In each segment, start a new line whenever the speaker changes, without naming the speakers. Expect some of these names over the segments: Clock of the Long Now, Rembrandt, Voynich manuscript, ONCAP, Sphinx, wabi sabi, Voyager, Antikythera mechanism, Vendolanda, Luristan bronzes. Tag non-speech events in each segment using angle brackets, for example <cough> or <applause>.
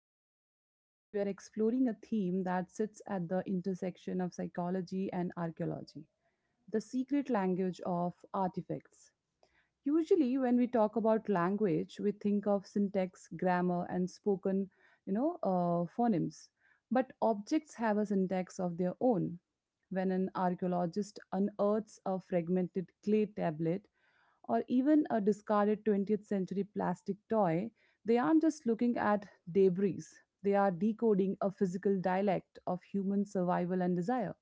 and today we are exploring a theme that sits at the intersection of psychology and archaeology, the secret language of artifacts. Usually, when we talk about language, we think of syntax, grammar, and spoken, phonemes. But objects have a syntax of their own. When an archaeologist unearths a fragmented clay tablet, or even a discarded 20th century plastic toy, they aren't just looking at debris, they are decoding a physical dialect of human survival and desire.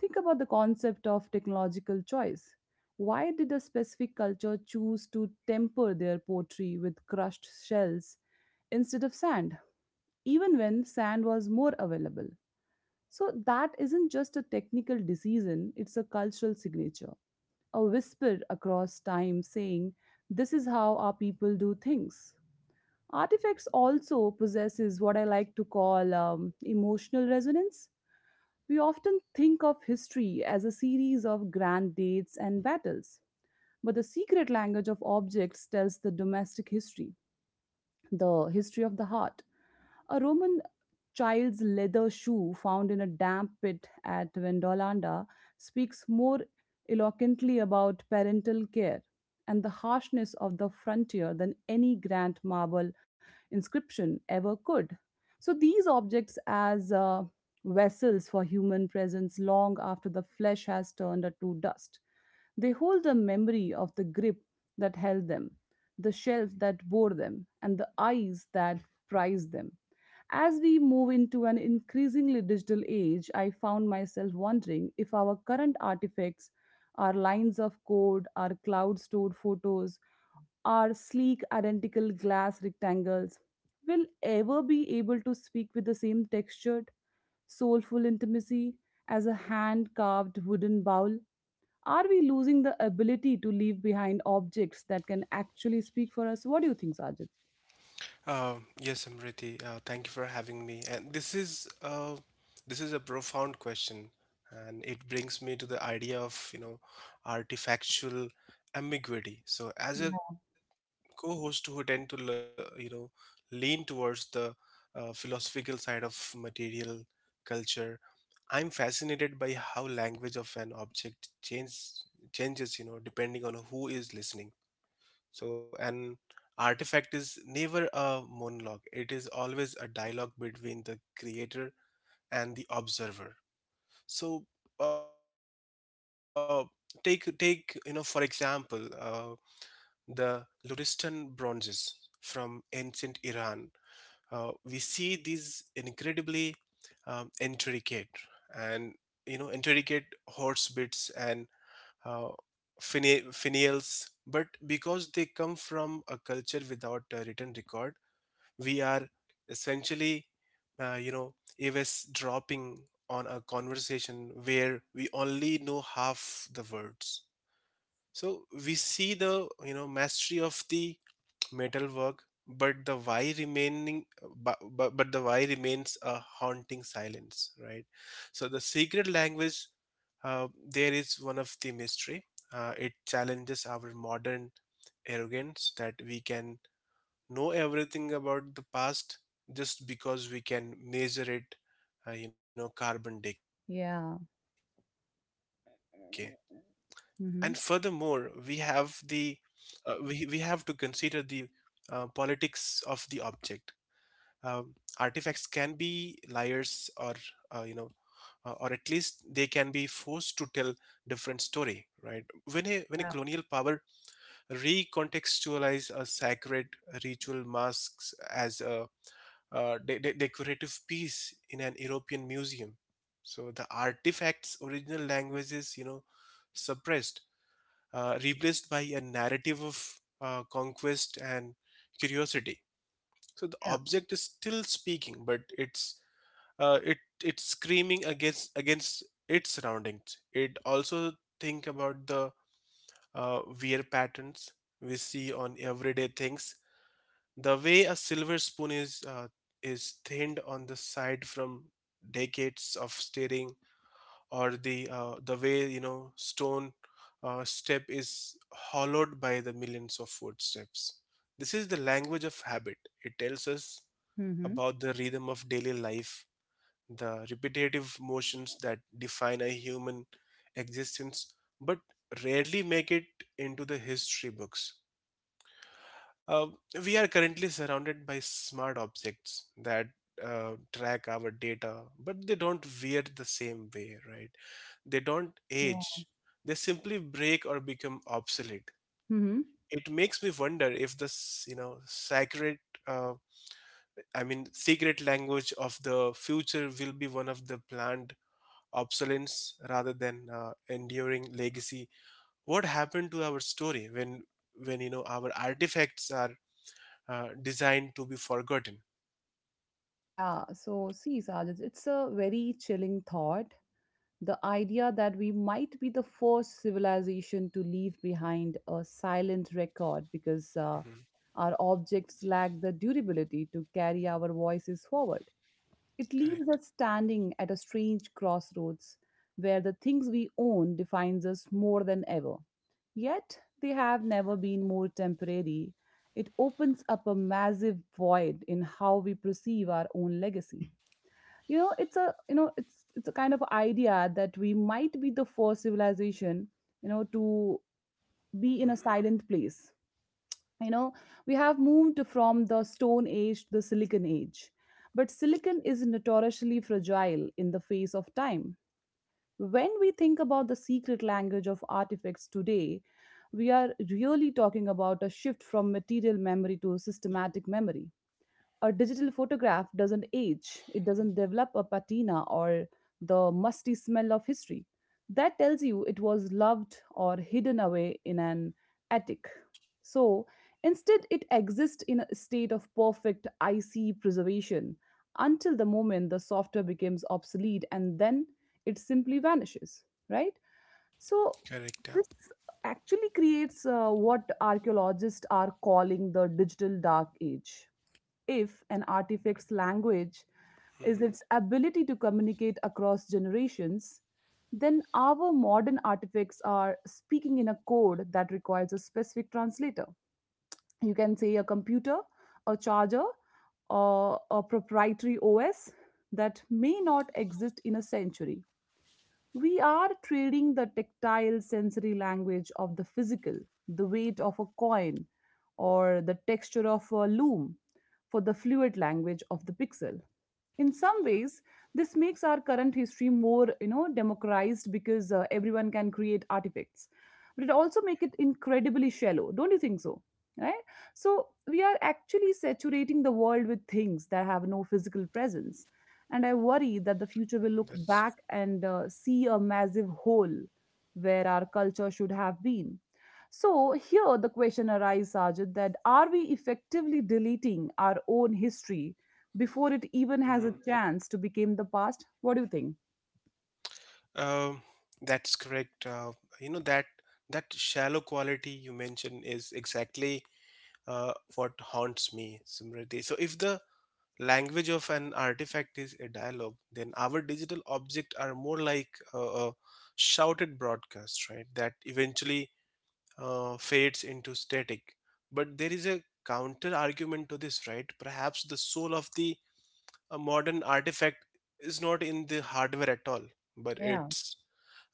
Think about the concept of technological choice. Why did a specific culture choose to temper their pottery with crushed shells instead of sand, even when sand was more available? So, that isn't just a technical decision, it's a cultural signature, a whisper across time saying, "This is how our people do things." Artifacts also possesses what I like to call emotional resonance. We often think of history as a series of grand dates and battles, but the secret language of objects tells the domestic history, the history of the heart. A Roman child's leather shoe found in a damp pit at Vendolanda speaks more eloquently about parental care and the harshness of the frontier than any grand marble inscription ever could. So, these objects, as vessels for human presence long after the flesh has turned to dust, they hold the memory of the grip that held them, the shelf that bore them, and the eyes that prized them. As we move into an increasingly digital age, I found myself wondering if our current artifacts, our lines of code, our cloud stored photos, our sleek identical glass rectangles, will ever be able to speak with the same textured, soulful intimacy as a hand carved wooden bowl? Are we losing the ability to leave behind objects that can actually speak for us? What do you think, Sajid?
Yes, Amriti. Thank you for having me. And this is a profound question, and it brings me to the idea of artifactual ambiguity. So, as a co-host who tend to lean towards the philosophical side of material culture, I'm fascinated by how language of an object changes depending on who is listening, so an artifact is never a monologue. It is always a dialogue between the creator and the observer. So, uh, take for example, the Luristan bronzes from ancient Iran. We see these incredibly intricate and you know intricate horse bits and uh, finials, but because they come from a culture without a written record, we are essentially, eavesdropping on a conversation where we only know half the words. So we see the mastery of the metalwork, but the why remaining, but the why remains a haunting silence, right? So the secret language, there, is one of the mystery. It challenges our modern arrogance that we can know everything about the past just because we can measure it, carbon decay.
Yeah.
And furthermore, we have the, uh, we
Mm-hmm.
we have to consider the politics of the object. Uh, Artifacts can be liars, or uh, you know or at least they can be forced to tell different story, right? When a when a colonial
Yeah.
power recontextualize a sacred ritual masks as a decorative piece in an European museum, so the artifact's original language is suppressed, replaced by a narrative of conquest and curiosity. So the
Yeah.
object is still speaking, but it's screaming against its surroundings. It also think about the wear patterns we see on everyday things. The way a silver spoon is thinned on the side from decades of staring, or the way stone, step is hollowed by the millions of footsteps. This is the language of habit. It tells us
Mm-hmm.
about the rhythm of daily life, the repetitive motions that define a human existence but rarely make it into the history books. Uh, we are currently surrounded by smart objects that track our data, but they don't wear the same way, right? They don't
Yeah.
age. They simply break or become obsolete.
Hmm.
It makes me wonder if this, you know, sacred, uh, I mean, secret language of the future will be one of the planned obsolescence rather than enduring legacy. What happened to our story when our artifacts are designed to be forgotten?
Yeah, so see, Sajid, it's a very chilling thought. The idea that we might be the first civilization to leave behind a silent record, because
Hmm.
our objects lack the durability to carry our voices forward. It leaves
Correct.
us standing at a strange crossroads where the things we own defines us more than ever. Yet they have never been more temporary. It opens up a massive void in how we perceive our own legacy. You know, it's a you know, it's a kind of idea that we might be the first civilization, you know, to be in a
Hmm.
silent place. You know, we have moved from the stone age to the silicon age. But silicon is notoriously fragile in the face of time. When we think about the secret language of artifacts today, we are really talking about a shift from material memory to systematic memory. A digital photograph doesn't age, it doesn't develop a patina or the musty smell of history that tells you it was loved or hidden away in an attic. So instead, it exists in a state of perfect icy preservation until the moment the software becomes obsolete and then it simply vanishes, right? So
Correct. Yeah.
this actually creates what archaeologists are calling the digital dark age. If an artifact's language is
Hmm.
its ability to communicate across generations, then our modern artifacts are speaking in a code that requires a specific translator. You can say a computer, a charger, or a proprietary OS that may not exist in a century. We are trading the tactile sensory language of the physical, the weight of a coin, or the texture of a loom, for the fluid language of the pixel. In some ways this makes our current history more, you know, democratized, because everyone can create artifacts, but it also makes it incredibly shallow, don't you think so, right? So we are actually saturating the world with things that have no
That's...
physical presence, and I worry that the future will look back and see a massive hole where our culture should have been. So here the question arises, Sajid, that are we effectively deleting our own history before it even has a
Hmm.
chance to become the past. What do you think?
um, that's correct. That That shallow quality you mentioned is exactly what haunts me, Simriti. So if the language of an artifact is a dialogue, then our digital objects are more like a shouted broadcast, right? That eventually fades into static. But there is a counter argument to this, right? Perhaps the soul of the modern artifact is not in the hardware at all, but
Yeah.
it's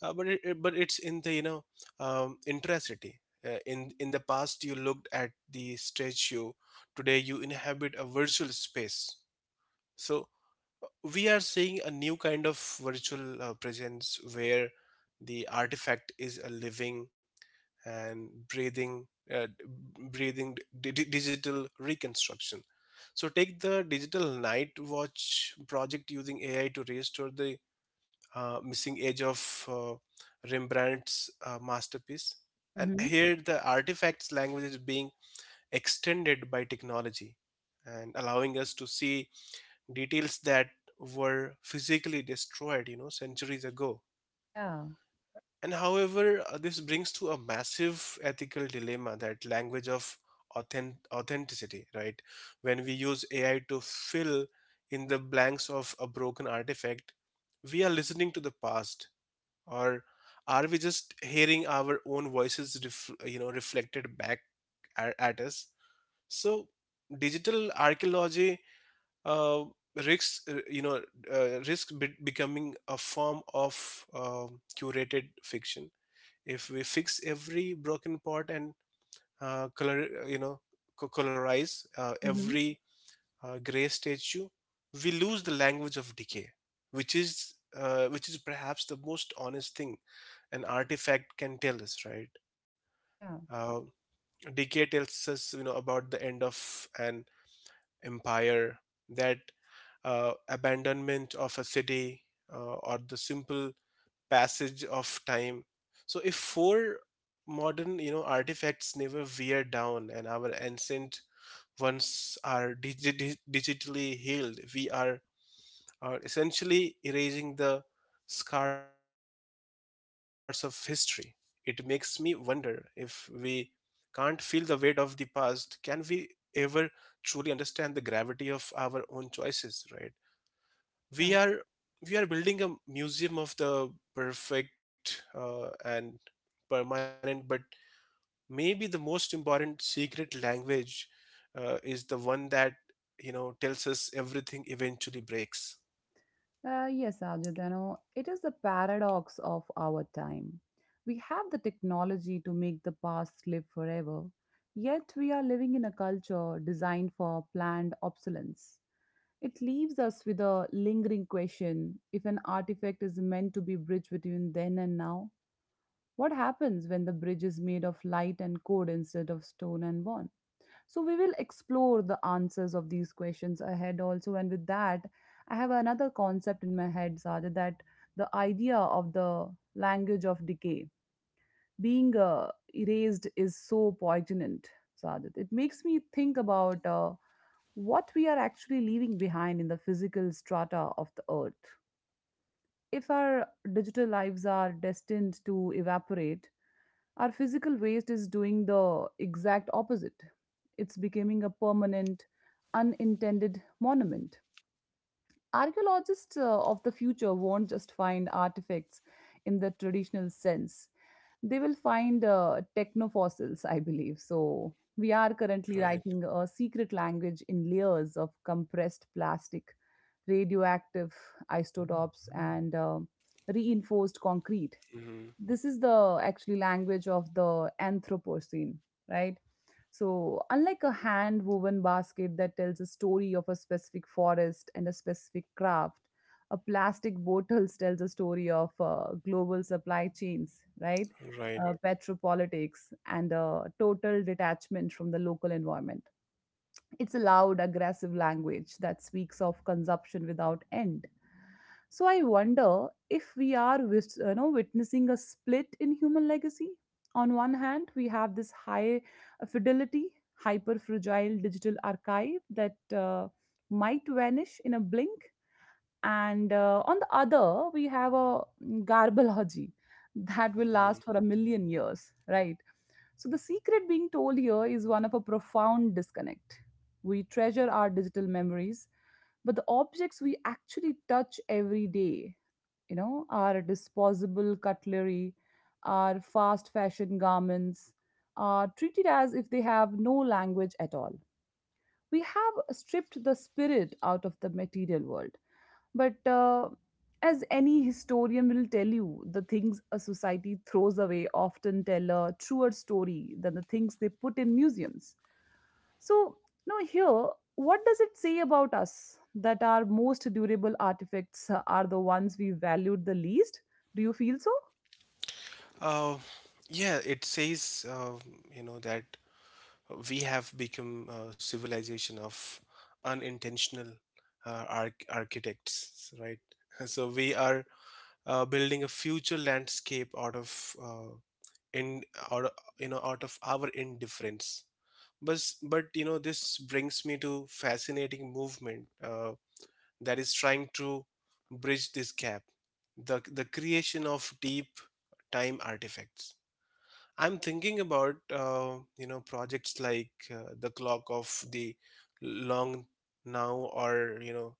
but it- but it's in the intracity. In the past, you looked at the statue. Today, you inhabit a virtual space. So we are seeing a new kind of virtual presence, where the artifact is a living and breathing, uh, digital reconstruction. So take the digital night watch project using ai to restore the missing edge of uh, rembrandt's masterpiece, and
Mm-hmm.
here the artifacts language is being extended by technology and allowing us to see details that were physically destroyed, you know, centuries ago.
Yeah.
And however, this brings to a massive ethical dilemma, that language of authenticity, right? When we use AI to fill in the blanks of a broken artifact, we are listening to the past, or are we just hearing our own voices, reflected back at us? So, digital archaeology uh, risks, becoming a form of curated fiction. If we fix every broken part and uh, color you know colorize
Mm-hmm.
every gray statue, we lose the language of decay, which is perhaps the most honest thing an artifact can tell us, right?
Yeah,
uh, Decay tells us about the end of an empire, that abandonment of a city, uh, or the simple passage of time. So, if four modern, artifacts never wear down, and our ancient ones are digitally healed, we are essentially erasing the scars of history. It makes me wonder, if we can't feel the weight of the past, can we ever truly understand the gravity of our own choices, right? We
yeah.
are we are building a museum of the perfect, and permanent, but maybe the most important secret language is the one that tells us everything eventually breaks.
Yes, Ajudano, it is the paradox of our time. We have the technology to make the past live forever, yet we are living in a culture designed for planned obsolescence. It leaves us with a lingering question: if an artifact is meant to be bridge between then and now, what happens when the bridge is made of light and code instead of stone and bond? So, we will explore the answers of these questions ahead also. And with that, I have another concept in my head, Sada, that the idea of the language of decay being erased is so poignant, Sadat. It makes me think about what we are actually leaving behind in the physical strata of the earth. If our digital lives are destined to evaporate, our physical waste is doing the exact opposite. It's becoming a permanent, unintended monument. Archaeologists of the future won't just find artifacts in the traditional sense, they will find technofossils, I believe. So, we are
Right.
currently writing a secret language in layers of compressed plastic, radioactive isotopes, and reinforced
Hmm.
concrete. This is the actually language of the anthropocene, right? So unlike a hand woven basket that tells a story of a specific forest and a specific craft, a plastic bottle tells a story of global supply chains, right?
Right.
Petropolitics and a total detachment from the local environment. It's a loud, aggressive language that speaks of consumption without end. So I wonder if we are you know, witnessing a split in human legacy. On one hand, we have this high fidelity, hyper fragile digital archive that might vanish in a blink. And on the other, we have a garbology <laughs> that will
Hmm.
last for a million years, right? So, the secret being told here is one of a profound disconnect. We treasure our digital memories, but the objects we actually touch every day, you know, our disposable cutlery, our fast fashion garments, are treated as if they have no language at all. We have stripped the spirit out of the material world. But as any historian will tell you, the things a society throws away often tell a truer story than the things they put in museums. So, now here, what does it say about us that our most durable artifacts are the ones we valued the least? Do you feel so?
uh, yeah, it says that we have become a civilization of unintentional architects, right? <laughs> So we are building a future landscape out of in out of- out of our indifference. But this brings me to fascinating movement that is trying to bridge this gap, the creation of deep time artifacts. I'm thinking about projects like the clock of the long now, or you know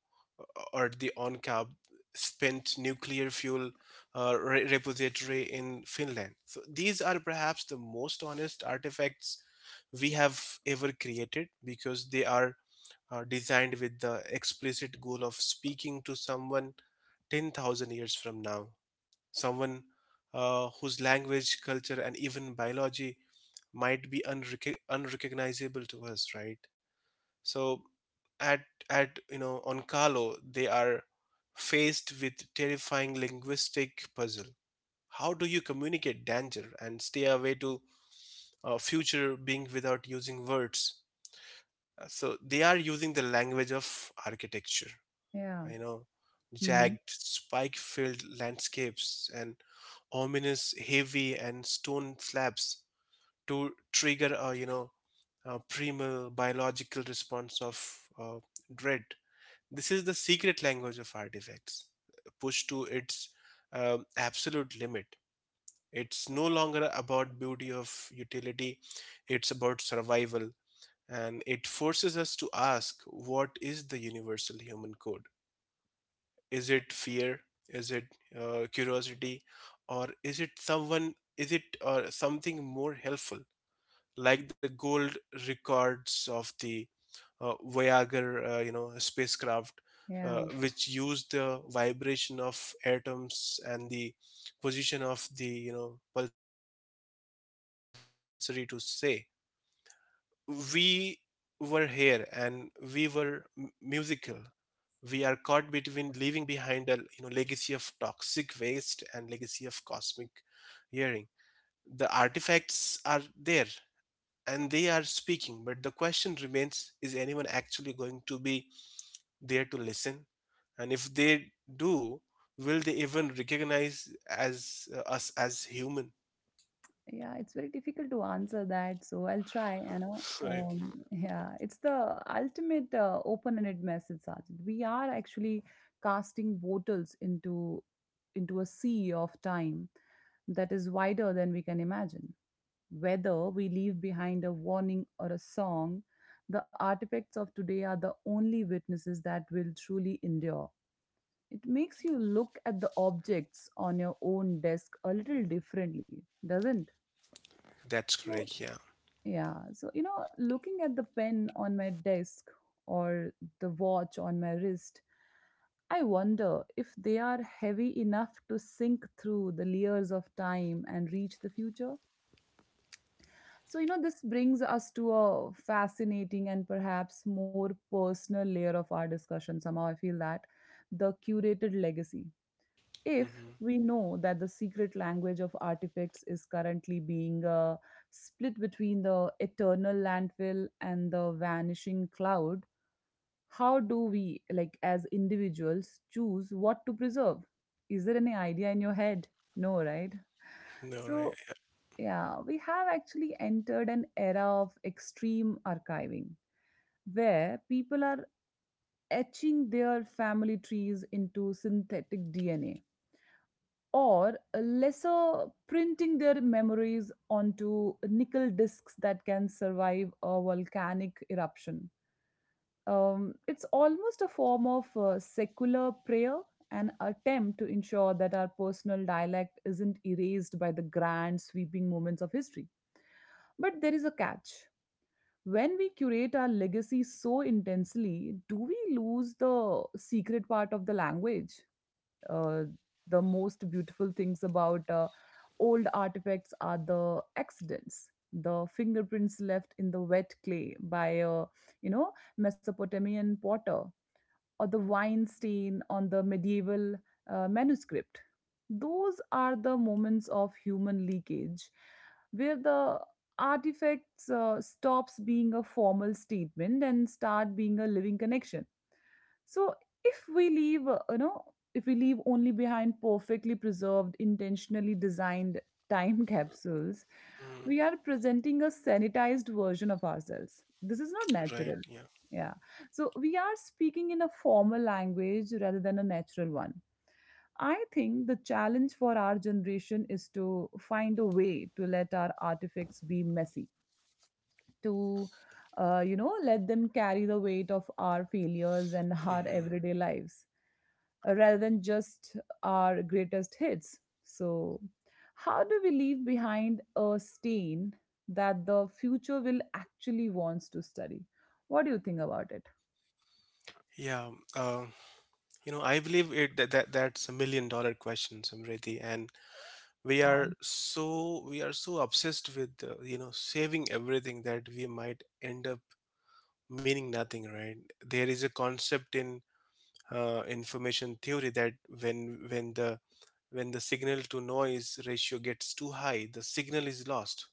or the ONCAP spent nuclear fuel repository in Finland. So these are perhaps the most honest artifacts we have ever created because they are designed with the explicit goal of speaking to someone 10,000 years from now, someone whose language, culture, and even biology might be unrecognizable to us, right? So, at at you know on Carlo, they are faced with terrifying linguistic puzzle. How do you communicate danger and stay away to future being without using words? So they are using the language of architecture,
Yeah.
you know,
Hmm.
jagged, spike filled landscapes, and ominous, heavy, and stone slabs to trigger a primal biological response of dread. This is the secret language of artifacts, pushed to its absolute limit. It's no longer about beauty of utility, it's about survival. And it forces us to ask, what is the universal human code? Is it fear? Is it curiosity? Or is it something more helpful, like the gold records of the Voyager, spacecraft,
Yeah,
which used the vibration of atoms and the position of the, pulsary, to say, we were here and we were musical. We are caught between leaving behind a legacy of toxic waste and legacy of cosmic hearing. The artifacts are there and they are speaking, but the question remains, is anyone actually going to be there to listen? And if they do, will they even recognize as us as human?
yeah, it's very difficult to answer that, so I'll try, you know.
<laughs> Right.
Yeah, it's the ultimate open-ended message, Sajid. We are actually casting bottles into a sea of time that is wider than we can imagine. Whether we leave behind a warning or a song, the artifacts of today are the only witnesses that will truly endure. It makes you look at the objects on your own desk a little differently, doesn't?
That's
So,
correct, yeah.
yeah, so you know, looking at the pen on my desk or the watch on my wrist, I wonder if they are heavy enough to sink through the layers of time and reach the future. So, you know, this brings us to a fascinating and perhaps more personal layer of our discussion. Somehow, I feel that the curated legacy. If
Hmm.
we know that the secret language of artifacts is currently being split between the eternal landfill and the vanishing cloud, how do we, like as individuals, choose what to preserve? Is there any idea in your head? No, right?
No, right.
So, yeah, we have actually entered an era of extreme archiving where people are etching their family trees into synthetic DNA or lesser printing their memories onto nickel discs that can survive a volcanic eruption. It's almost a form of secular prayer, an attempt to ensure that our personal dialect isn't erased by the grand sweeping moments of history. But there is a catch. When we curate our legacy so intensely, do we lose the secret part of the language? uh, the most beautiful things about old artifacts are the accidents, the fingerprints left in the wet clay by a, you know, mesopotamian potter, or the wine stain on the medieval manuscript. Those are the moments of human leakage where the artifacts stops being a formal statement and start being a living connection. So if we leave, you know, if we leave only behind perfectly preserved, intentionally designed time <laughs> capsules,
Mhm.
we are presenting a sanitized version of ourselves. This is not
Right,
natural.
yeah.
Yeah. So we are speaking in a formal language rather than a natural one. I think the challenge for our generation is to find a way to let our artifacts be messy, to let them carry the
Hmm.
weight of our failures and <laughs> our everyday lives, rather than just our greatest hits. So how do we leave behind a stain that the future will actually wants to study? What do you think about it?
Yeah. Uh, You know, I believe it that, that's a million dollar question, Samriddhi, and we
Yeah,
are so we are so obsessed with saving everything that we might end up meaning nothing, right? There is a concept in information theory, that when the signal to noise ratio gets too high, the signal is lost.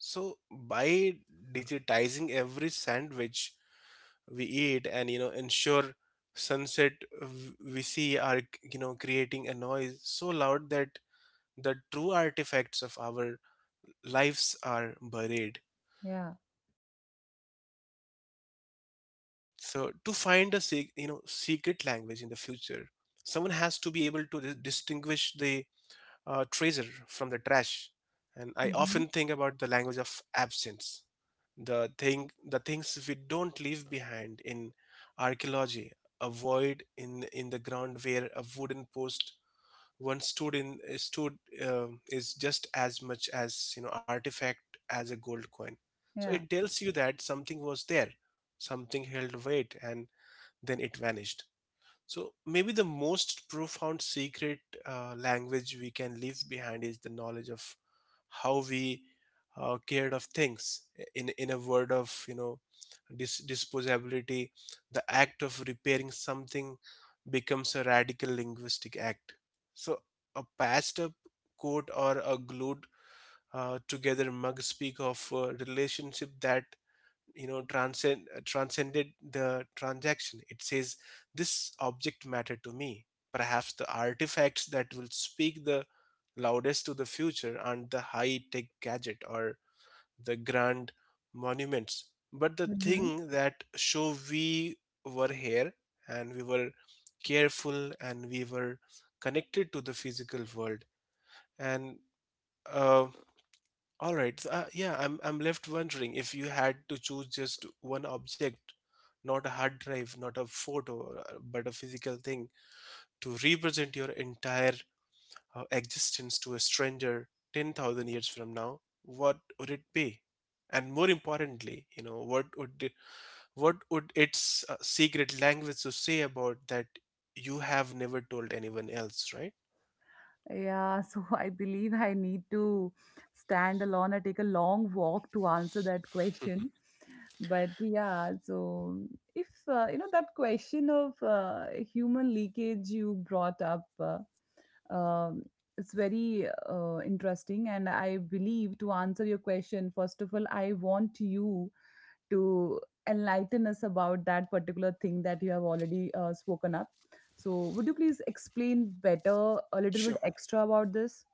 So by digitizing every sandwich we eat and ensure sunset, we see are creating a noise so loud that the true artifacts of our lives are buried.
yeah.
So to find a secret language in the future, someone has to be able to distinguish the treasure from the trash. And I often think about the language
Hmm.
of absence, the things we don't leave behind. In archaeology, a void in the ground where a wooden post once stood in stood is just as much as artifact as a gold coin. So it
Yeah.
tells you that something was there, something held weight, and then it vanished. So maybe the most profound secret language we can leave behind is the knowledge of how we cared of things. In a word of disposability, the act of repairing something becomes a radical linguistic act. So a patched up coat or a glued together mug speak of a relationship that transcend transcended the transaction. It says this object mattered to me. Perhaps the artifacts that will speak the loudest to the future aren't the high tech gadget or the grand monuments, but the
Mm-hmm.
thing that show we were here, and we were careful, and we were connected to the physical world, and uh, all right. So, I'm left wondering, if you had to choose just one object, not a hard drive, not a photo, or, but a physical thing to represent your entire existence to a stranger 10,000 years from now, what would it be? And more importantly, what would its secret language to say about that you have never told anyone else, right?
Yeah, so <laughs> I believe I need to stand alone or take a long walk to answer that question. But yeah, so if that question of human leakage you brought up, it's very interesting. And I believe to answer your question, first of all, I want you to enlighten us about that particular thing that you have already spoken up. So, would you please explain better a little bit
Sure.
extra about this?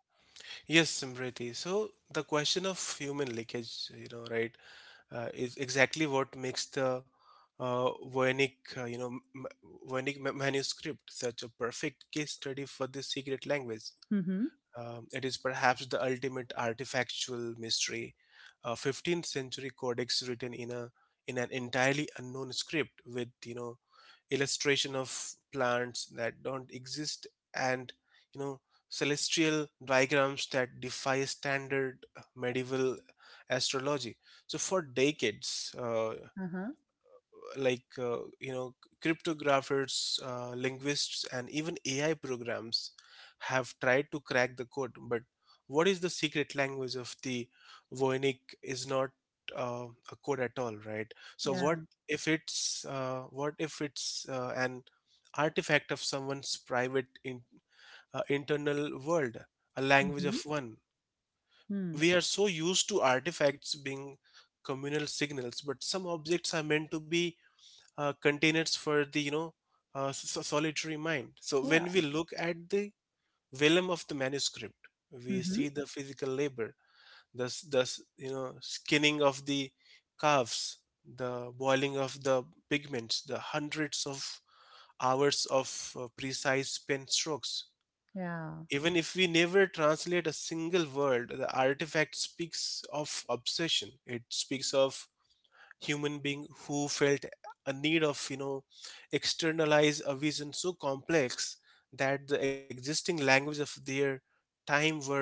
Yes, Simriti. So the question of human leakage, right? Is exactly what makes the Voynich, you know, m- Voynich manuscript such a perfect case study for this secret language.
Mm-hmm.
It is perhaps the ultimate artifactual mystery, a 15th century codex written in a in an entirely unknown script with, illustration of plants that don't exist, and, you know celestial diagrams that defy standard medieval astrology. So for decades,
Uh-huh.
like uh, you know cryptographers, linguists, and even ai programs have tried to crack the code. But what is the secret language of the voynich is not uh, a code at all, right? So
Yeah.
what if it's an artifact of someone's private internal world, a language
Mm-hmm.
of one?
Hmm.
We are so used to artifacts being communal signals, but some objects are meant to be containers for the, solitary mind. So when
Yeah.
we look at the vellum of the manuscript, we
Mm-hmm.
see the physical labor, the skinning of the calves, the boiling of the pigments, the hundreds of hours of precise pen strokes.
Yeah.
Even if we never translate a single word, the artifact speaks of obsession. It speaks of human being who felt a need of, externalize a vision so complex that the existing language of their time were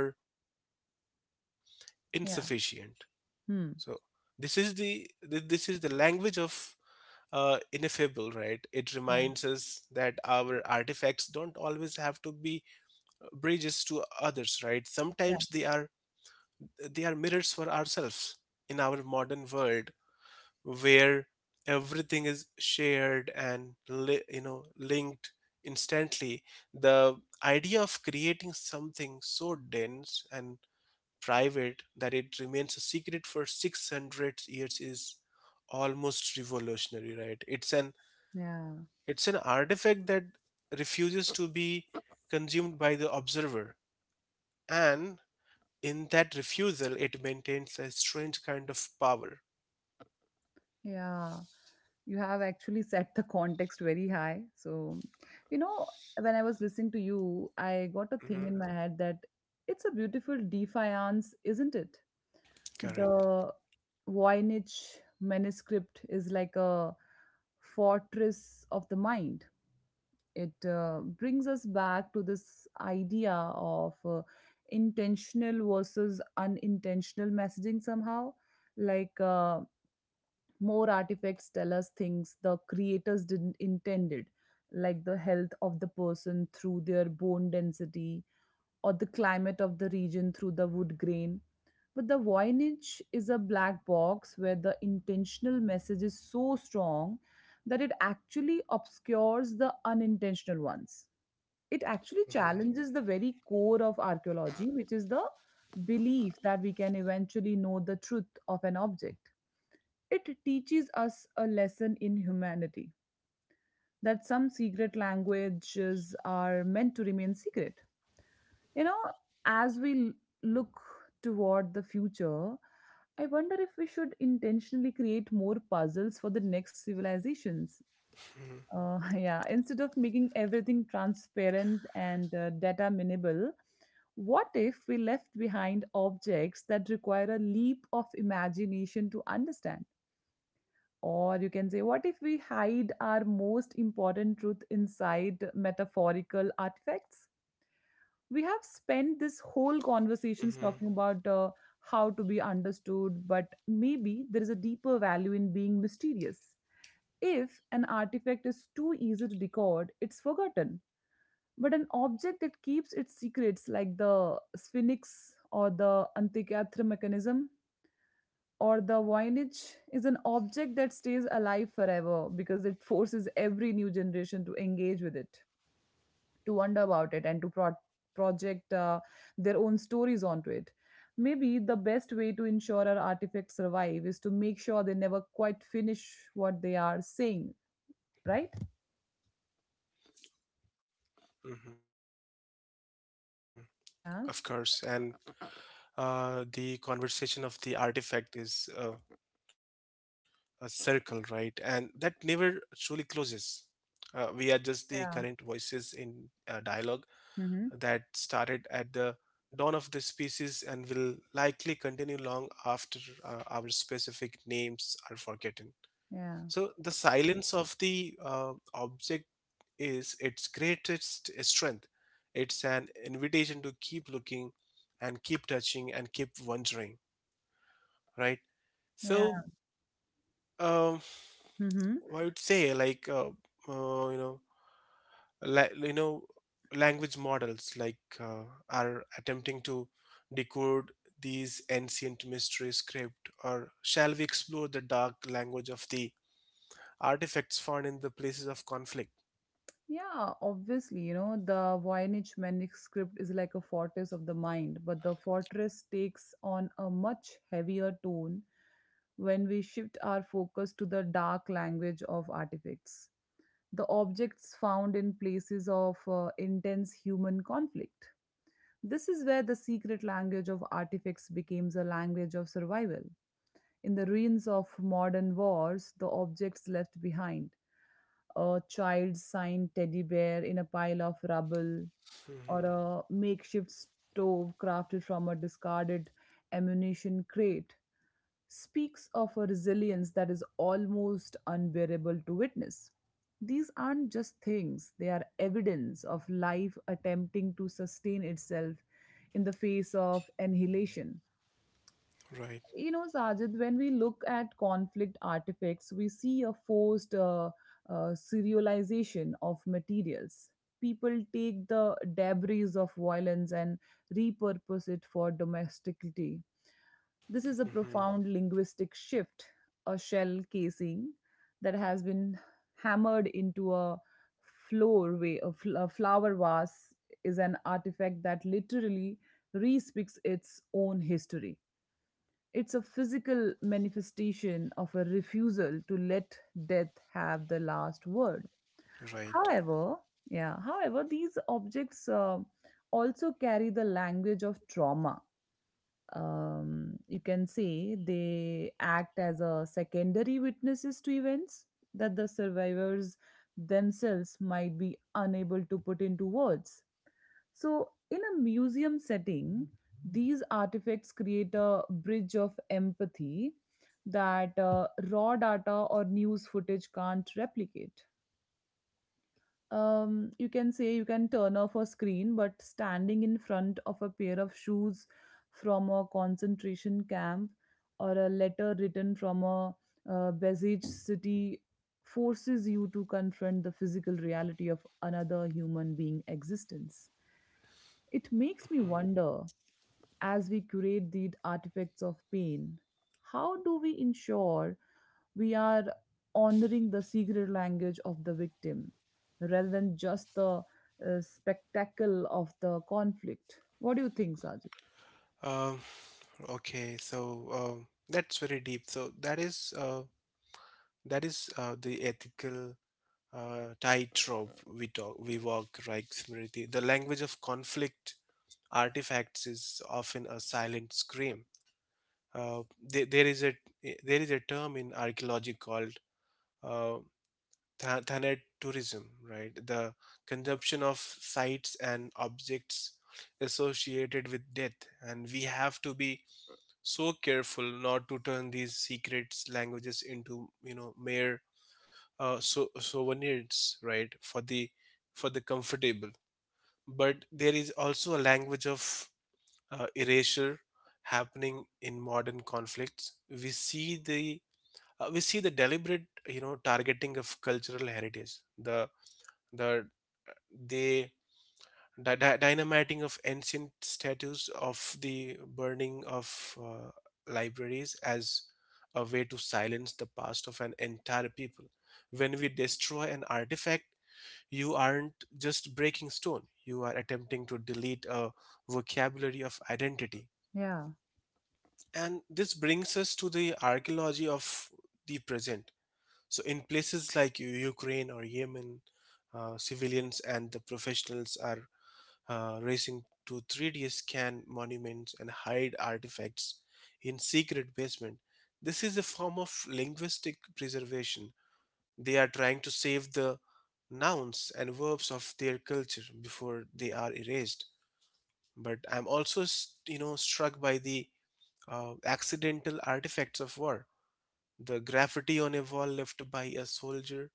insufficient.
Yeah.
So this is
Hmm.
the language of ineffable, right? It reminds us
Yeah.
that our artifacts don't always have to be bridges to others, right? Sometimes
Yeah.
they are mirrors for ourselves. In our modern world where everything is shared and linked instantly, the idea of creating something so dense and private that it remains a secret for 600 years is almost revolutionary, right? It's an
Yeah.
it's an artifact that refuses to be consumed by the observer. And in that refusal, it maintains a strange kind of power.
Yeah. You have actually set the context very high. So, you know, when I was listening to you, I got a thing
Mhm.
in my head that it's a beautiful defiance, isn't it?
Correct.
The Voynich manuscript is like a fortress of the mind. It brings us back to this idea of intentional versus unintentional messaging somehow, like more artifacts tell us things the creators didn't intended, like the health of the person through their bone density or the climate of the region through the wood grain. But the Voynich is a black box where the intentional message is so strong that it actually obscures the unintentional ones. It actually challenges the very core of archaeology, which is the belief that we can eventually know the truth of an object. It teaches us a lesson in humanity, that some secret languages are meant to remain secret. You know, as we look toward the future, I wonder if we should intentionally create more puzzles for the next civilizations. <laughs> Yeah, instead of making everything transparent and data minimal, what if we left behind objects that require a leap of imagination to understand? Or you can say, what if we hide our most important truth inside metaphorical artifacts? We have spent this whole conversations
Hmm.
talking about how to be understood, but maybe there is a deeper value in being mysterious. If an artifact is too easy to decode, it's forgotten. But an object that keeps its secrets, like the Sphinx or the Antikythera mechanism, or the Voynich, is an object that stays alive forever because it forces every new generation to engage with it, to wonder about it, and to project their own stories onto it. Maybe the best way to ensure our artifacts survive is to make sure they never quite finish what they are saying, right?
Hmm. Of course. And the
Yeah.
conversation of the artifact is a circle, right? And that never truly closes. We are just the current voices in a dialogue
Yeah.
that started at the
Mm-hmm.
dawn of the species and will likely continue long after our specific names are forgotten. So the
Yeah.
silence of the object is its greatest strength. It's an invitation to keep looking and keep touching and keep wondering, right? So,
Yeah.
um,
Mm-hmm.
I would say, like uh, you know la- you know language models are attempting to decode these ancient mystery script. Or shall we explore the dark language of the artifacts found in the places of conflict?
Yeah, obviously, you know, the Voynich manuscript is like a fortress of the mind, but the fortress takes on a much heavier tone when we shift our focus to the dark language of artifacts, the objects found in places of intense human conflict. This is where the secret language of artifacts becomes a language of survival. In the ruins of modern wars, the objects left behind, a child's signed teddy bear in a pile of rubble, or
Hmm.
a makeshift stove crafted from a discarded ammunition crate, speaks of a resilience that is almost unbearable to witness. These aren't just things, they are evidence of life attempting to sustain itself in the face of annihilation.
Right.
You know, Sajid, when we look at conflict artifacts, we see a forced serialization of materials. People take the debris of violence and repurpose it for domesticity. This is a
Hmm.
profound linguistic shift. A shell casing that has been hammered into a floor way, a flower vase, is an artifact that literally re-speaks its own history. It's a physical manifestation of a refusal to let death have the last word.
Right.
However, yeah, however, these objects also carry the language of trauma. You can say they act as a secondary witnesses to events that the survivors themselves might be unable to put into words. So, in a museum setting, these artifacts create a bridge of empathy that raw data or news footage can't replicate. You can say you can turn off a screen, but standing in front of a pair of shoes from a concentration camp or a letter written from a besieged city forces you to confront the physical reality of another human being existence. It makes me wonder, as we curate the artifacts of pain, how do we ensure we are honoring the secret language of the victim rather than just the spectacle of the conflict? What do you think, Sajid?
Um, okay. So that's very deep. So that is the ethical tightrope we walk, right, Smriti? The language of conflict artifacts is often a silent scream. There is a term in archaeology called uh, thanet tourism, right? The consumption of sites and objects associated with death. And we have to be so careful not to turn these secret languages into, mere souvenirs, right, for the comfortable. But there is also a language of erasure happening in modern conflicts. We see the deliberate, targeting of cultural heritage, the the they dynamiting of ancient statues, of the burning of libraries as a way to silence the past of an entire people. When we destroy an artifact, you aren't just breaking stone, you are attempting to delete a vocabulary of identity.
Yeah,
And this brings us to the archaeology of the present. So, in places like Ukraine or Yemen, civilians and the professionals are racing to 3D scan monuments and hide artifacts in secret basement. This is a form of linguistic preservation. They are trying to save the nouns and verbs of their culture before they are erased. But I'm also, struck by the accidental artifacts of war. The graffiti on a wall left by a soldier,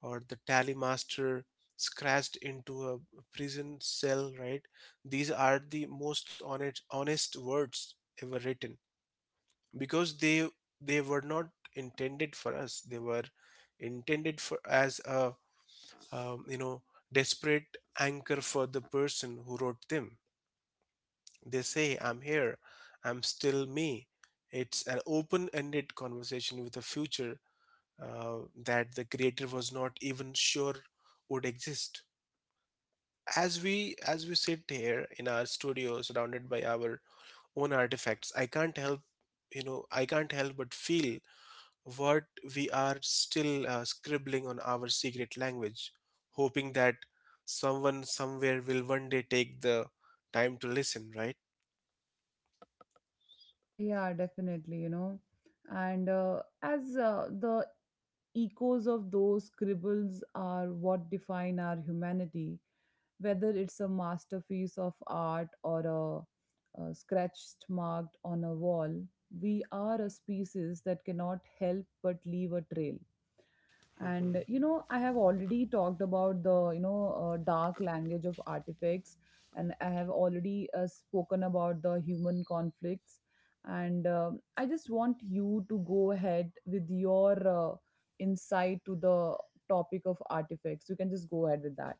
or the tally master scratched into a prison cell, right? These are the most honest words ever written, because they were not intended for us. They were intended for as a, um, you know desperate anchor for the person who wrote them. They say, I'm here, I'm still me. It's an open-ended conversation with a future that the creator was not even sure would exist. As we sit here in our studio surrounded by our own artifacts, I can't help, but feel what we are still scribbling on our secret language, hoping that someone somewhere will one day take the time to listen, right?
yeah, definitely, you know. And as the echoes of those scribbles are what define our humanity, whether it's a masterpiece of art or a scratched marked on a wall, we are a species that cannot help but leave a trail. And
Hmm.
you know, I have already talked about the dark language of artifacts, and I have already spoken about the human conflicts, and I just want you to go ahead with your insight to the topic of artifacts. You can just go ahead with that.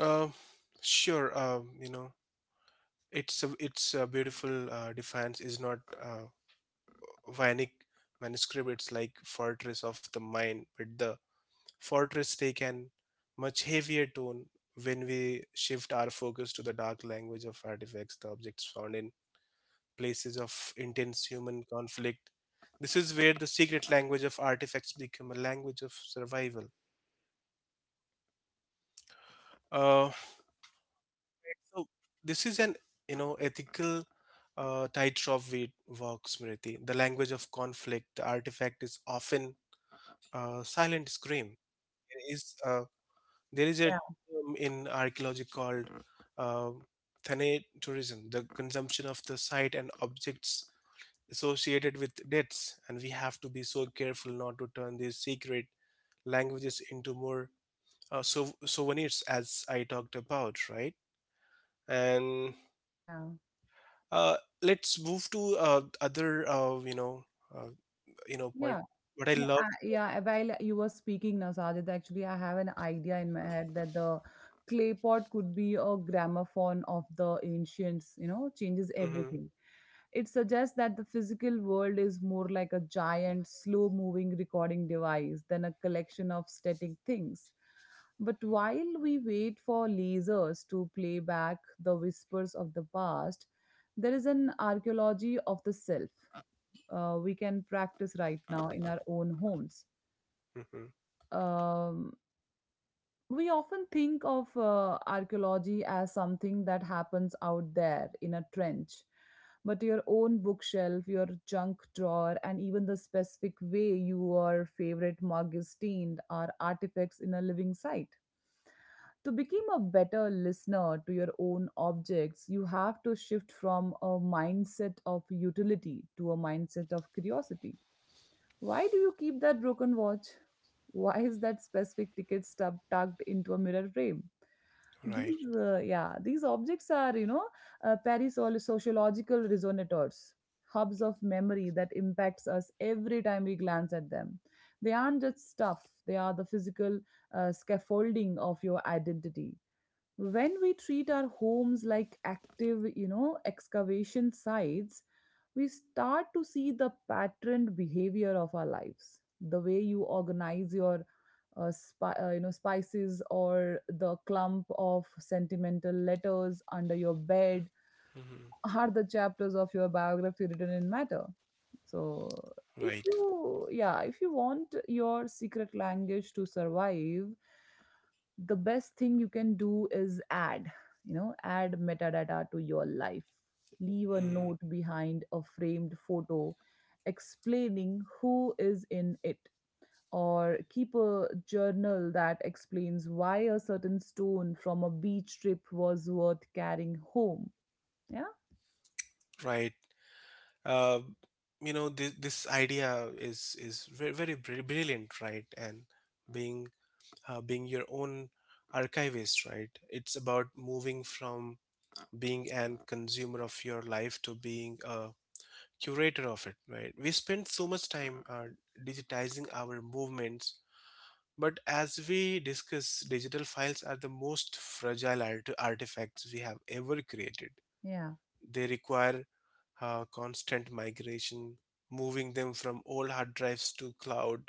uh, sure. Um, it's a beautiful defiance, is not Vianic manuscript. It's like fortress of the mind. But the Fortress take an much heavier tone when we shift our focus to the dark language of artifacts, the objects found in places of intense human conflict. This is where the secret language of artifacts become a language of survival. Uh, so this is an, ethical tightrope we walk, Smriti. The language of conflict, the artifact is often a silent scream. It is a There is a
Yeah.
term in archaeology called uh, thanatourism, the consumption of the site and objects associated with deaths. And we have to be so careful not to turn these secret languages into more souvenirs, as I talked about, right? And
Yeah,
uh, let's move to other, uh, point.
yeah.
What I
Yeah,
love.
yeah, while you were speaking now, Sajid, actually, I have an idea in my head that the clay pot could be a gramophone of the ancients, you know, changes
Hmm.
everything. It suggests that the physical world is more like a giant, slow moving recording device than a collection of static things. But while we wait for lasers to play back the whispers of the past, there is an archaeology of the self we can practice right now in our own homes.
Hmm.
Um, we often think of archaeology as something that happens out there in a trench. But your own bookshelf, your junk drawer, and even the specific way your favorite mug is stained are artifacts in a living site. To become a better listener to your own objects, you have to shift from a mindset of utility to a mindset of curiosity. Why do you keep that broken watch? Why is that specific ticket stub tucked into a mirror frame?
Right.
These, yeah, these objects are, you know, sociological resonators, hubs of memory that impacts us every time we glance at them. They aren't just stuff; they are the physical scaffolding of your identity. When we treat our homes like active, you know, excavation sites, we start to see the patterned behavior of our lives. The way you organize your you know spices, or the clump of sentimental letters under your bed,
Hmm.
are the chapters of your biography written in matter. So, if
Right.
you, yeah, if you want your secret language to survive, the best thing you can do is add, you know, add metadata to your life. Leave a
Mm.
note behind a framed photo explaining who is in it, or keep a journal that explains why a certain stone from a beach trip was worth carrying home. Yeah.
Right. uh, this idea is very, very brilliant, right? And being being your own archivist, right? It's about moving from being an consumer of your life to being a curator of it, right? We spend so much time digitizing our movements. But as we discuss, digital files are the most fragile artifacts we have ever created.
Yeah.
They require constant migration, moving them from old hard drives to cloud,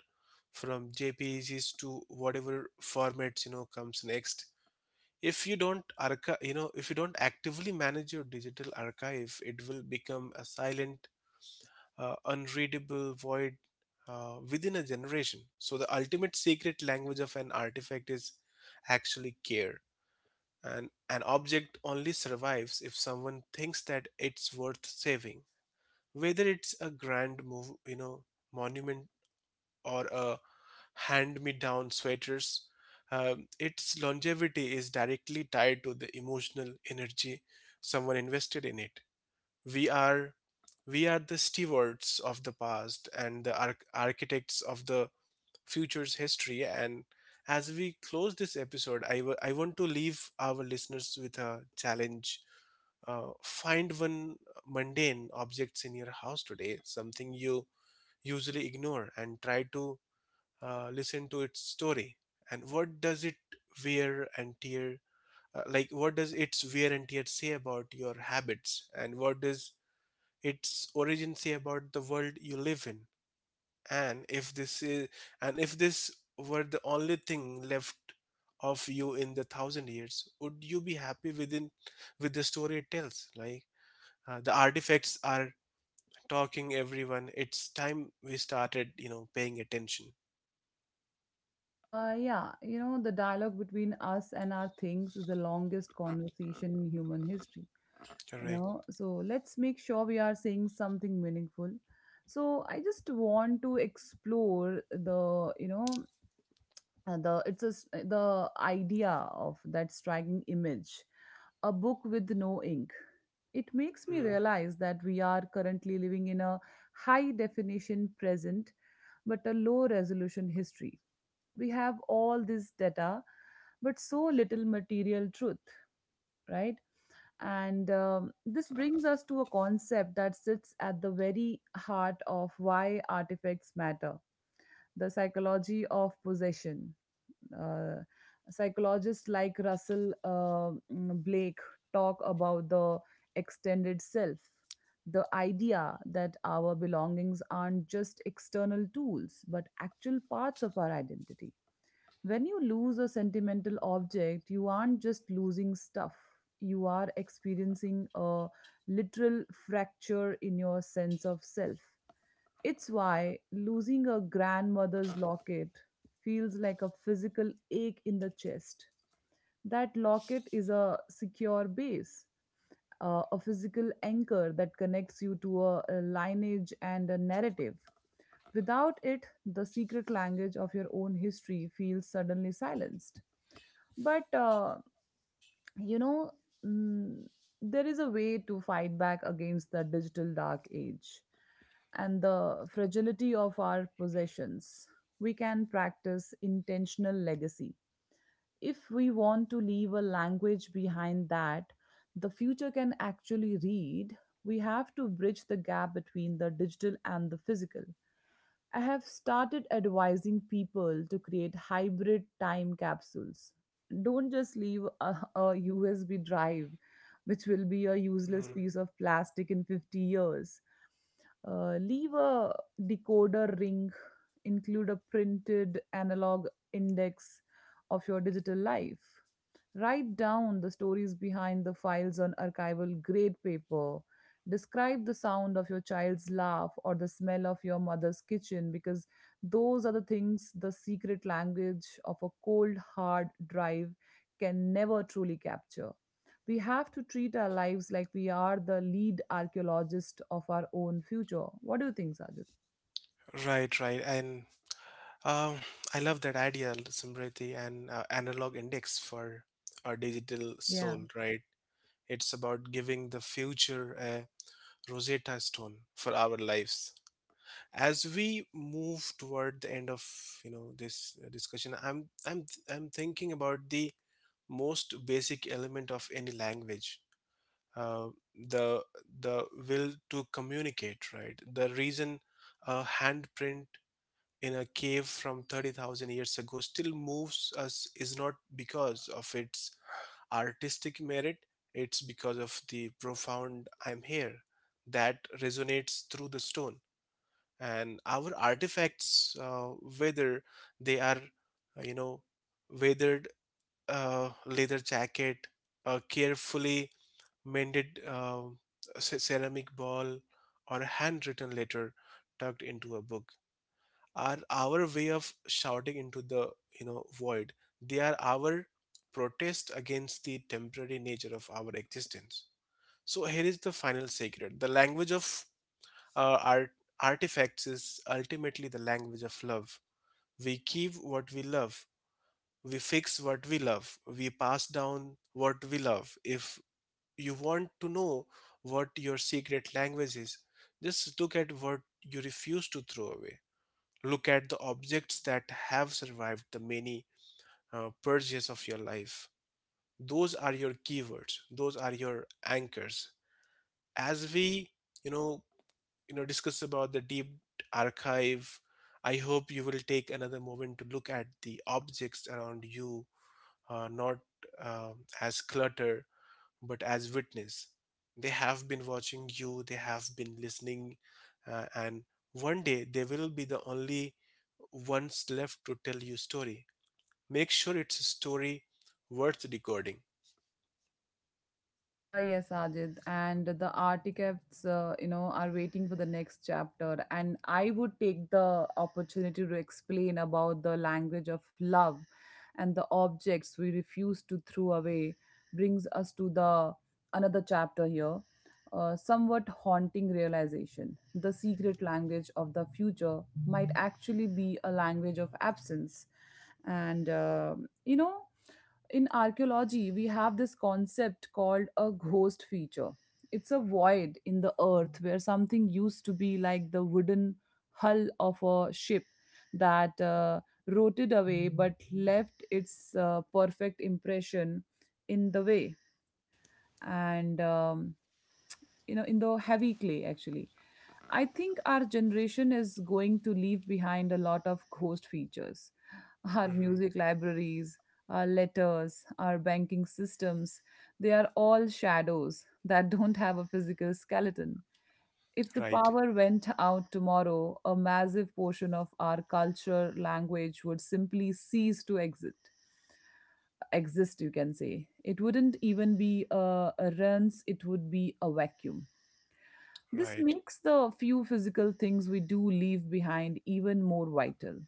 from JPEGs to whatever formats, comes next. If you don't archive, if you don't actively manage your digital archive, it will become a silent, unreadable void within a generation. So the ultimate secret language of an artifact is actually care. And an object only survives if someone thinks that it's worth saving, whether it's a grand move you know monument or a hand me down sweaters. Um, its longevity is directly tied to the emotional energy someone invested in it. We are we are the stewards of the past and the architects of the future's history. And as we close this episode, I want to leave our listeners with a challenge. Uh, find one mundane objects in your house today, something you usually ignore, and try to listen to its story. And wear and tear what does its wear and tear say about your habits, and what does its origin say about the world you live in? and if this is and if this were the only thing left of you in the thousand years, would you be happy within with the story it tells? Like the artifacts are talking, everyone. It's time we started, paying attention.
Yeah, you know, the dialogue between us and our things is the longest conversation in human history. You
Correct.
know, so let's make sure we are saying something meaningful. So I just want to explore the, you know, the it's a, s- the idea of that striking image, a book with no ink. It makes me
Mm.
realize that we are currently living in a high definition present but a low resolution history. We have all this data but so little material truth, right? And this brings us to a concept that sits at the very heart of why artifacts matter, the psychology of possession. Uh, psychologists like Russell, Blake, talk about the extended self, the idea that our belongings aren't just external tools, but actual parts of our identity. When you lose a sentimental object, you aren't just losing stuff, you are experiencing a literal fracture in your sense of self. It's why losing a grandmother's locket feels like a physical ache in the chest. That locket is a secure base, a physical anchor that connects you to a lineage and a narrative. Without it, the secret language of your own history feels suddenly silenced. But, you know, mm, there is a way to fight back against the digital dark age and the fragility of our possessions. We can practice intentional legacy. If we want to leave a language behind that the future can actually read, we have to bridge the gap between the digital and the physical. I have started advising people to create hybrid time capsules. Don't just leave a USB drive, which will be a
Mm.
useless piece of plastic in 50 years. Leave a decoder ring, include a printed analog index of your digital life. Write down the stories behind the files on archival grade paper. Describe the sound of your child's laugh or the smell of your mother's kitchen because those are the things the secret language of a cold, hard drive can never truly capture. We have to treat our lives like we are the lead archaeologist of our own future. What do you think, Sajid?
Right, right. And um, I love that idea, Simriti, and analog index for our digital
Yeah.
soul, right? It's about giving the future a Rosetta Stone for our lives. As we move toward the end of, this discussion, I'm thinking about the most basic element of any language. Uh, the will to communicate, right? The reason a handprint in a cave from 30,000 years ago still moves us is not because of its artistic merit, it's because of the profound I'm here that resonates through the stone. And our artifacts, whether they are, uh, you know, weathered leather jacket, a carefully mended ceramic ball, or a handwritten letter tucked into a book are our way of shouting into the void. They are our protest against the temporary nature of our existence. So here is the final secret: the language of uh, art artifacts is ultimately the language of love. We keep what we love, we fix what we love, we pass down what we love. If you want to know what your secret language is, just look at what you refuse to throw away. Look at the objects that have survived the many purges of your life. Those are your keywords. Those are your anchors. As we, you know, you know, discuss about the deep archive, I hope you will take another moment to look at the objects around you, not as clutter, but as witness. They have been watching you, they have been listening, and one day they will be the only ones left to tell you story. Make sure it's a story worth recording.
Yes, Ajit, and the artifacts, are waiting for the next chapter. And I would take the opportunity to explain about the language of love and the objects we refuse to throw away brings us to the another chapter here. Somewhat haunting realization. The secret language of the future might actually be a language of absence. And, uh, you know, in archaeology we have this concept called a ghost feature. It's a void in the earth where something used to be, like the wooden hull of a ship that rotted away but left its perfect impression in the way, and you know in the heavy clay. Actually, I think our generation is going to leave behind a lot of ghost features. Our
Hmm.
music libraries, our letters, our banking systems, they are all shadows that don't have a physical skeleton. If the
Right.
power went out tomorrow, a massive portion of our culture, language would simply cease to exist. Exist, you can say. It wouldn't even be a runs, it would be a vacuum. This
Right.
makes the few physical things we do leave behind even more vital.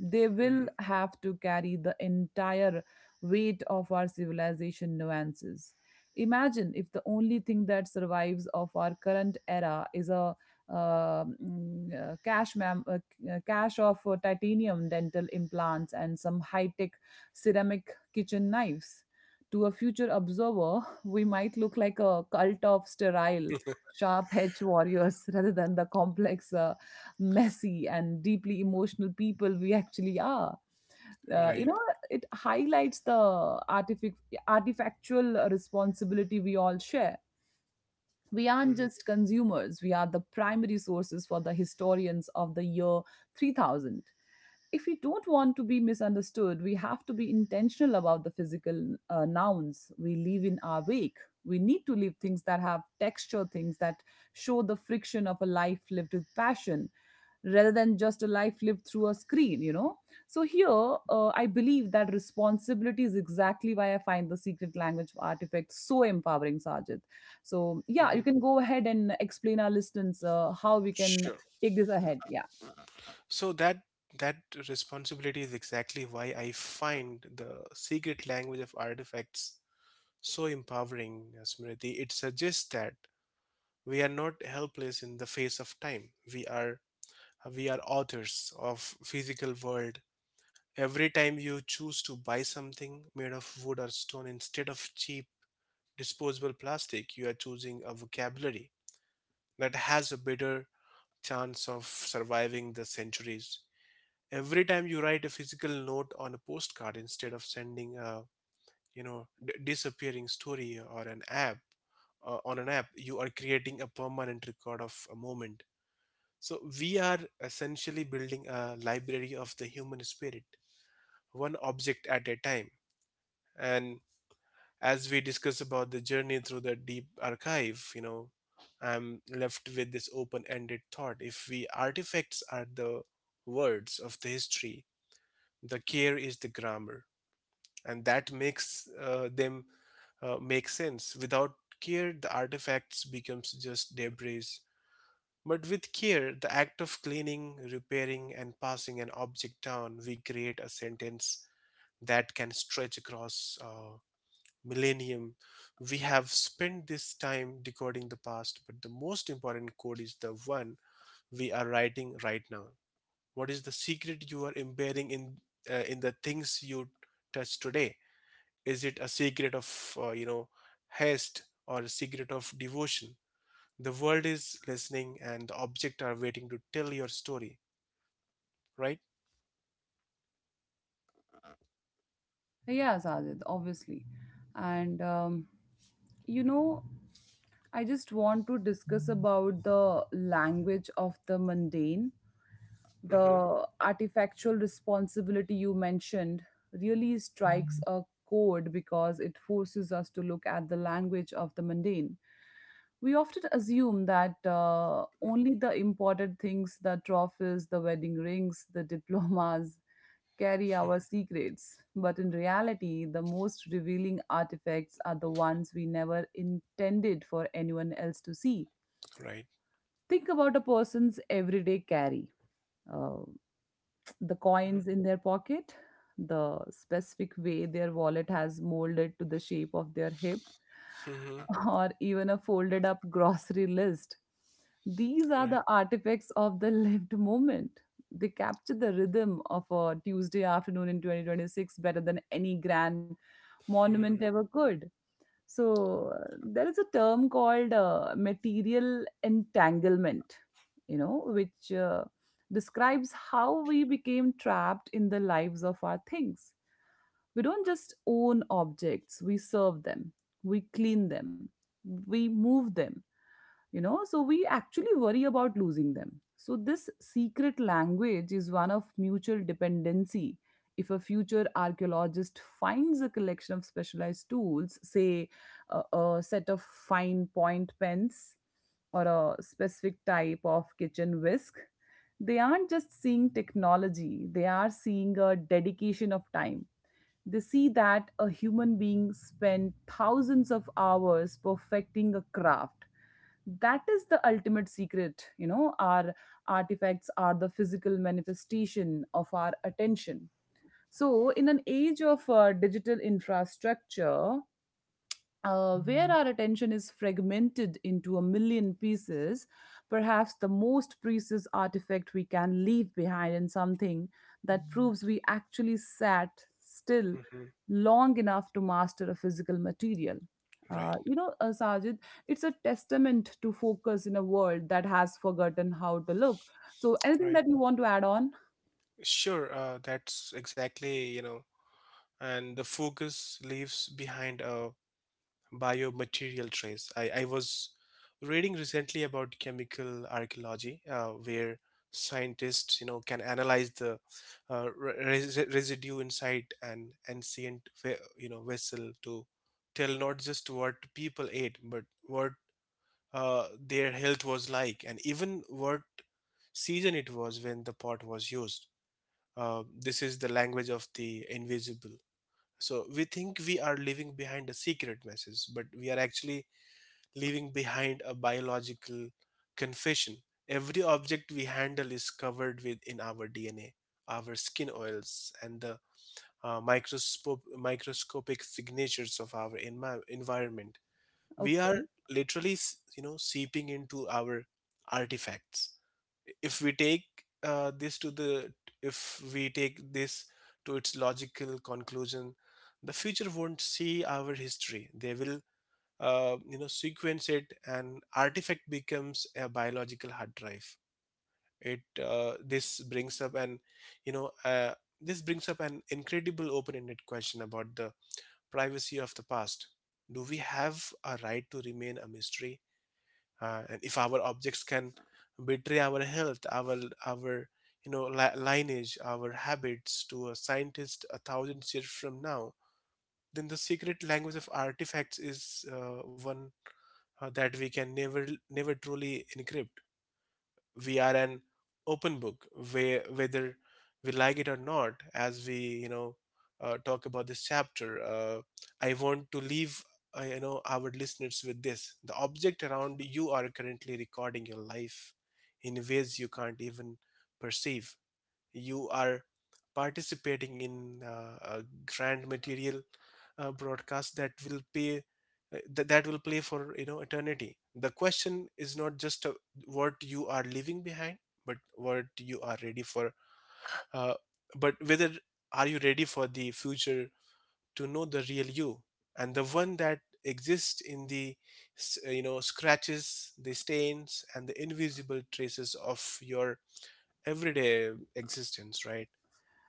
They will
Mhm.
have to carry the entire weight of our civilization nuances. Imagine if the only thing that survives of our current era is a cache, cache of titanium dental implants and some high tech ceramic kitchen knives. To a future observer, <laughs> we might look like a cult of sterile sharp edge warriors <laughs> rather than the complex, messy, and deeply emotional people we actually are.
<laughs>
Uh, you
Right.
know, it highlights the artifactual responsibility we all share. We aren't
Mhm.
just consumers, we are the primary sources for the historians of the year 3000. If we don't want to be misunderstood, we have to be intentional about the physical nouns we leave in our wake. We need to leave things that have texture, things that show the friction of a life lived with passion rather than just a life lived through a screen, you know. So here, I believe that responsibility is exactly why I find the secret language of artifacts so empowering, Sajid. So yeah, you
Mhm.
can go ahead and explain our listeners how we can
Sure.
take this ahead. Yeah.
So that responsibility is exactly why I find the secret language of artifacts so empowering, Smriti. It suggests that we are not helpless in the face of time. We are authors of physical world. Every time you choose to buy something made of wood or stone instead of cheap disposable plastic, you are choosing a vocabulary that has a better chance of surviving the centuries. Every time you write a physical note on a postcard instead of sending a disappearing story or an app on an app, you are creating a permanent record of a moment. So we are essentially building a library of the human spirit, one object at a time. And as we discuss about the journey through the deep archive, you know, I'm left with this open-ended thought. If we artifacts are the words of the history, the care is the grammar, and that makes them make sense. Without care, the artifacts becomes just debris. But with care, the act of cleaning, repairing, and passing an object down, we create a sentence that can stretch across millennium. We have spent this time decoding the past, but the most important code is the one we are writing right now. What is the secret you are embedding in in the things you touch today? Is it a secret of uh, you know haste or a secret of devotion? The world is listening, and the object are waiting to tell your story, right?
Yeah, Sajid, obviously, and um, you know, I just want to discuss about the language of the mundane.
Mm-hmm. <laughs>
The artifactual responsibility you mentioned really strikes a chord because it forces us to look at the language of the mundane. We often assume that only the important things, the trophies, the wedding rings, the <laughs> diplomas, carry our secrets. But in reality, the most revealing artifacts are the ones we never intended for anyone else to see.
Right.
Think about a person's everyday carry. Uh, the
Mm-hmm.
coins in their pocket, the specific way their wallet has molded to the shape of their hip,
Mm-hmm.
<laughs> or even a folded up <laughs> grocery list. These are
Right.
the artifacts of the lived moment. They capture the rhythm of a Tuesday afternoon in 2026 better than any grand monument
Mm-hmm.
ever could. There is a term called material entanglement, which describes how we became trapped in the lives of our things. We don't just own objects, we serve them, we clean them, we move them, you know, so we actually worry about losing them. So this secret language is one of mutual dependency. If a future archaeologist finds a collection of specialized tools, say a set of fine point pens or a specific type of kitchen whisk, they aren't just seeing technology, they are seeing a dedication of time. They see that a human being spent thousands of hours perfecting a craft. That is the ultimate secret. You know, our artifacts are the physical manifestation of our attention. So, in an age of digital infrastructure, where our attention is fragmented into a million pieces, perhaps the most precious artifact we can leave behind in something that proves we actually sat still
Mm-hmm.
long enough to master a physical material.
Right.
Sajid, it's a testament to focus in a world that has forgotten how to look. So, anything
Right.
that you want to add on?
Sure. That's exactly, you know, and the focus leaves behind a biomaterial trace. I was reading recently about chemical archaeology, where scientists, you know, can analyze the uh, residue inside an ancient, you know, vessel to tell not just what people ate, but what their health was like, and even what season it was when the pot was used. This is the language of the invisible. So we think we are leaving behind a secret message, but we are actually leaving behind a biological confession. Every object we handle is covered with in our DNA, our skin oils, and the microscopic signatures of our environment. We
Okay.
are literally, you know, seeping into our artifacts. If we take this to the, If we take this to its logical conclusion, the future won't see our history. They will, you know, sequence it, and artifact becomes a biological hard drive. It this brings up an you know This brings up an incredible open-ended question about the privacy of the past. Do we have a right to remain a mystery? Uh, and if our objects can betray our health, our you know, lineage, our habits to a scientist a thousand years from now, then the secret language of artifacts is one that we can never truly encrypt. We are an open book, whether we like it or not. As we, you know talk about this chapter, I want to leave, you know, our listeners with this: the object around you are currently recording your life in ways you can't even perceive. You are participating in a grand material broadcast that will play for, you know, eternity. The question is not just, what you are leaving behind, but what you are ready for uh, but whether are you ready for the future to know the real you, and the one that exists in the you know, scratches, the stains, and the invisible traces of your everyday existence, right?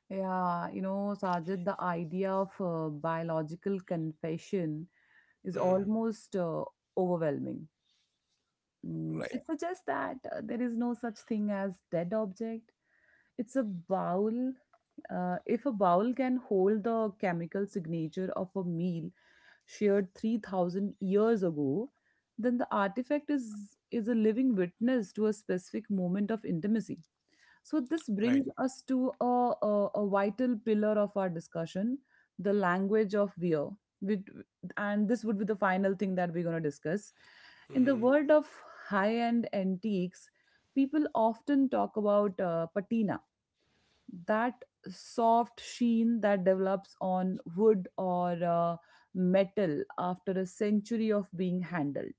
Yeah, you know, Sajid, the idea of biological confession is
Mm.
almost overwhelming. Mm,
Right,
it suggests that there is no such thing as dead object. It's a bowel. If a bowel can hold the chemical signature of a meal shared 3,000 years ago, then the artifact is a living witness to a specific moment of intimacy. So this
right.
brings us to a vital pillar of our discussion, the language of wear. With, and this would be the final thing that we're going to discuss. In the
Hmm.
world of high-end antiques, people often talk about patina, that soft sheen that develops on wood or metal after a century of being handled.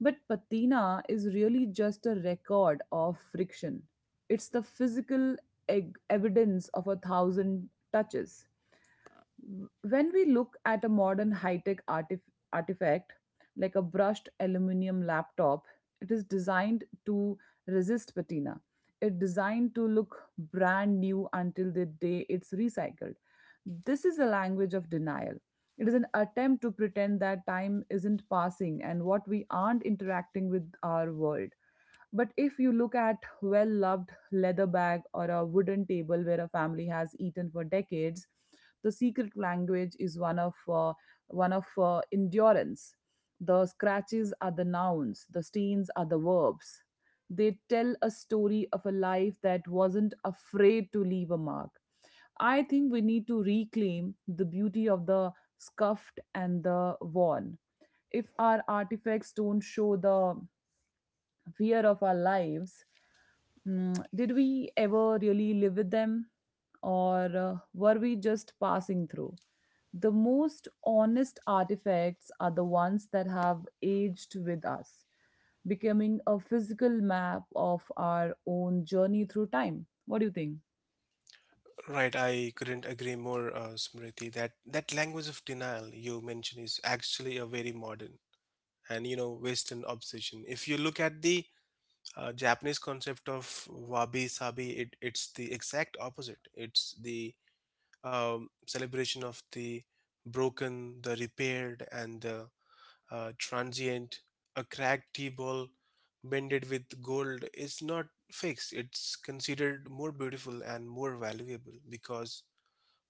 But patina is really just a record of friction. It's the physical evidence of a thousand touches. When we look at a modern high-tech artifact like a brushed aluminum laptop, it is designed to resist patina. It's designed to look brand new until the day it's recycled. This is a language of denial. It is an attempt to pretend that time isn't passing and what we aren't interacting with our world. But if you look at well loved leather bag or a wooden table where a family has eaten for decades, the secret language is one of endurance. The scratches are the nouns, the stains are the verbs. They tell a story of a life that wasn't afraid to leave a mark. I think we need to reclaim the beauty of the scuffed and the worn. If our artifacts don't show the fear of our lives, mm, did we ever really live with them? Or were we just passing through? The most honest artifacts are the ones that have aged with us, becoming a physical map of our own journey through time. What do you think?
Right. I couldn't agree more, Smriti. That language of denial you mentioned is actually a very modern and, you know, Western obsession. If you look at the Japanese concept of wabi sabi, it's the exact opposite. It's the celebration of the broken, the repaired, and the transient. A cracked tea ball bended with gold is not fixed. It's considered more beautiful and more valuable because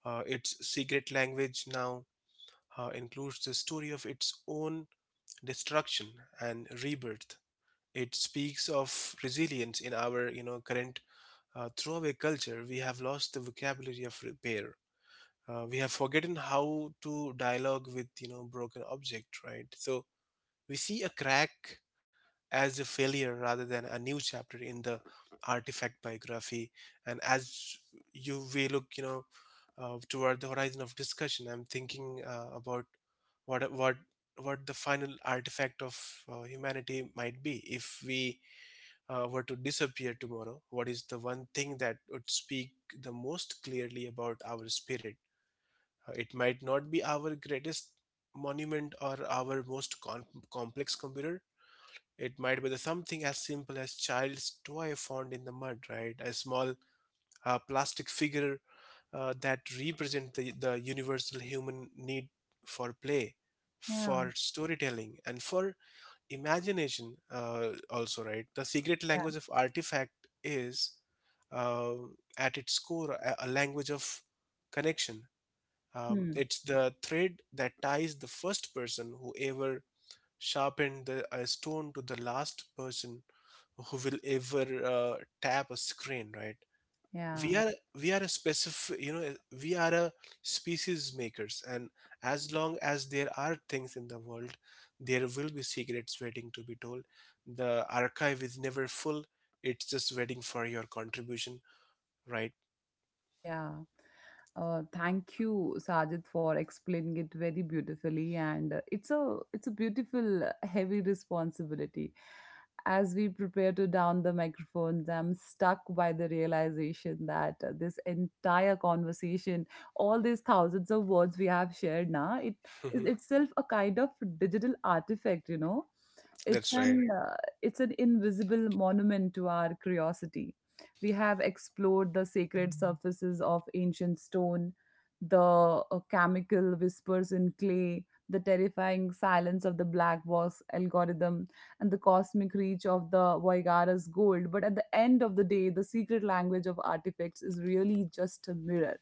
its secret language now includes the story of its own destruction and rebirth. It speaks of resilience. In our, you know, current throwaway culture, we have lost the vocabulary of repair. We have forgotten how to dialogue with, you know, broken object, right? So we see a crack as a failure rather than a new chapter in the artifact biography. And as you we look, you know, toward the horizon of discussion, I'm thinking about what what the final artifact of humanity might be if we were to disappear tomorrow. What is the one thing that would speak the most clearly about our spirit? It might not be our greatest monument or our most complex computer. It might be the something as simple as child's toy found in the mud, right? A small plastic figure that represents the universal human need for play,
Yeah.
for storytelling, and for imagination. Also, right? The secret
Yeah.
language of artifact is, uh, at its core, a language of connection.
Hmm.
It's the thread that ties the first person who ever sharpened a stone to the last person who will ever, tap a screen, right? we
Yeah.
are we are a specific, you know, we are a species makers, and as long as there are things in the world, there will be secrets waiting to be told. The archive is never full, it's just waiting for your contribution, right?
Yeah. Thank you, Sajid, for explaining it very beautifully. And it's a it's a beautiful, heavy responsibility. As we prepare to down the microphones, I'm stuck by the realization that this entire conversation, all these thousands of words we have shared now, it is
Mhm.
itself a kind of digital artifact, you know,
That's right.
it's an invisible monument to our curiosity. We have explored the sacred surfaces of ancient stone, the chemical whispers in clay, the terrifying silence of the black box algorithm, and the cosmic reach of the Voigara's gold. But at the end of the day, the secret language of artifacts is really just a mirror.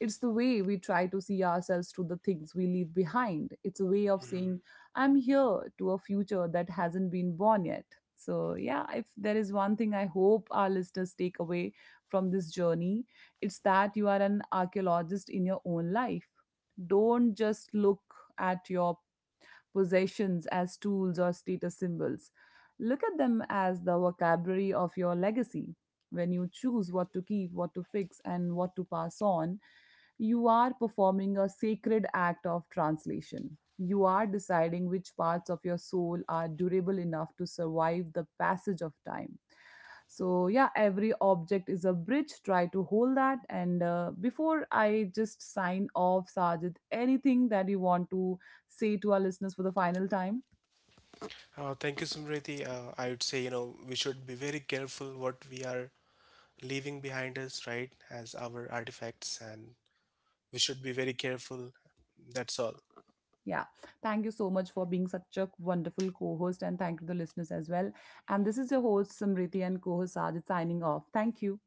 It's the way we try to see ourselves through the things we leave behind. It's a way of
Mhm.
saying, I'm here, to a future that hasn't been born yet. So, yeah, if there is one thing I hope our listeners take away from this journey, it's that you are an archaeologist in your own life. Don't just look at your possessions as tools or status symbols. Look at them as the vocabulary of your legacy. When you choose what to keep, what to fix, and what to pass on, you are performing a sacred act of translation. You are deciding which parts of your soul are durable enough to survive the passage of time. So, yeah, every object is a bridge. Try to hold that. And before I just sign off, Sajid, anything that you want to say to our listeners for the final time.
Thank you, Samriti. I would say, you know, we should be very careful what we are leaving behind us, right, as our artifacts, and we should be very careful. That's all.
Yeah. Thank you so much for being such a wonderful co host, and thank you to the listeners as well. And this is your host, Samriti, and co host Sajid signing off. Thank you.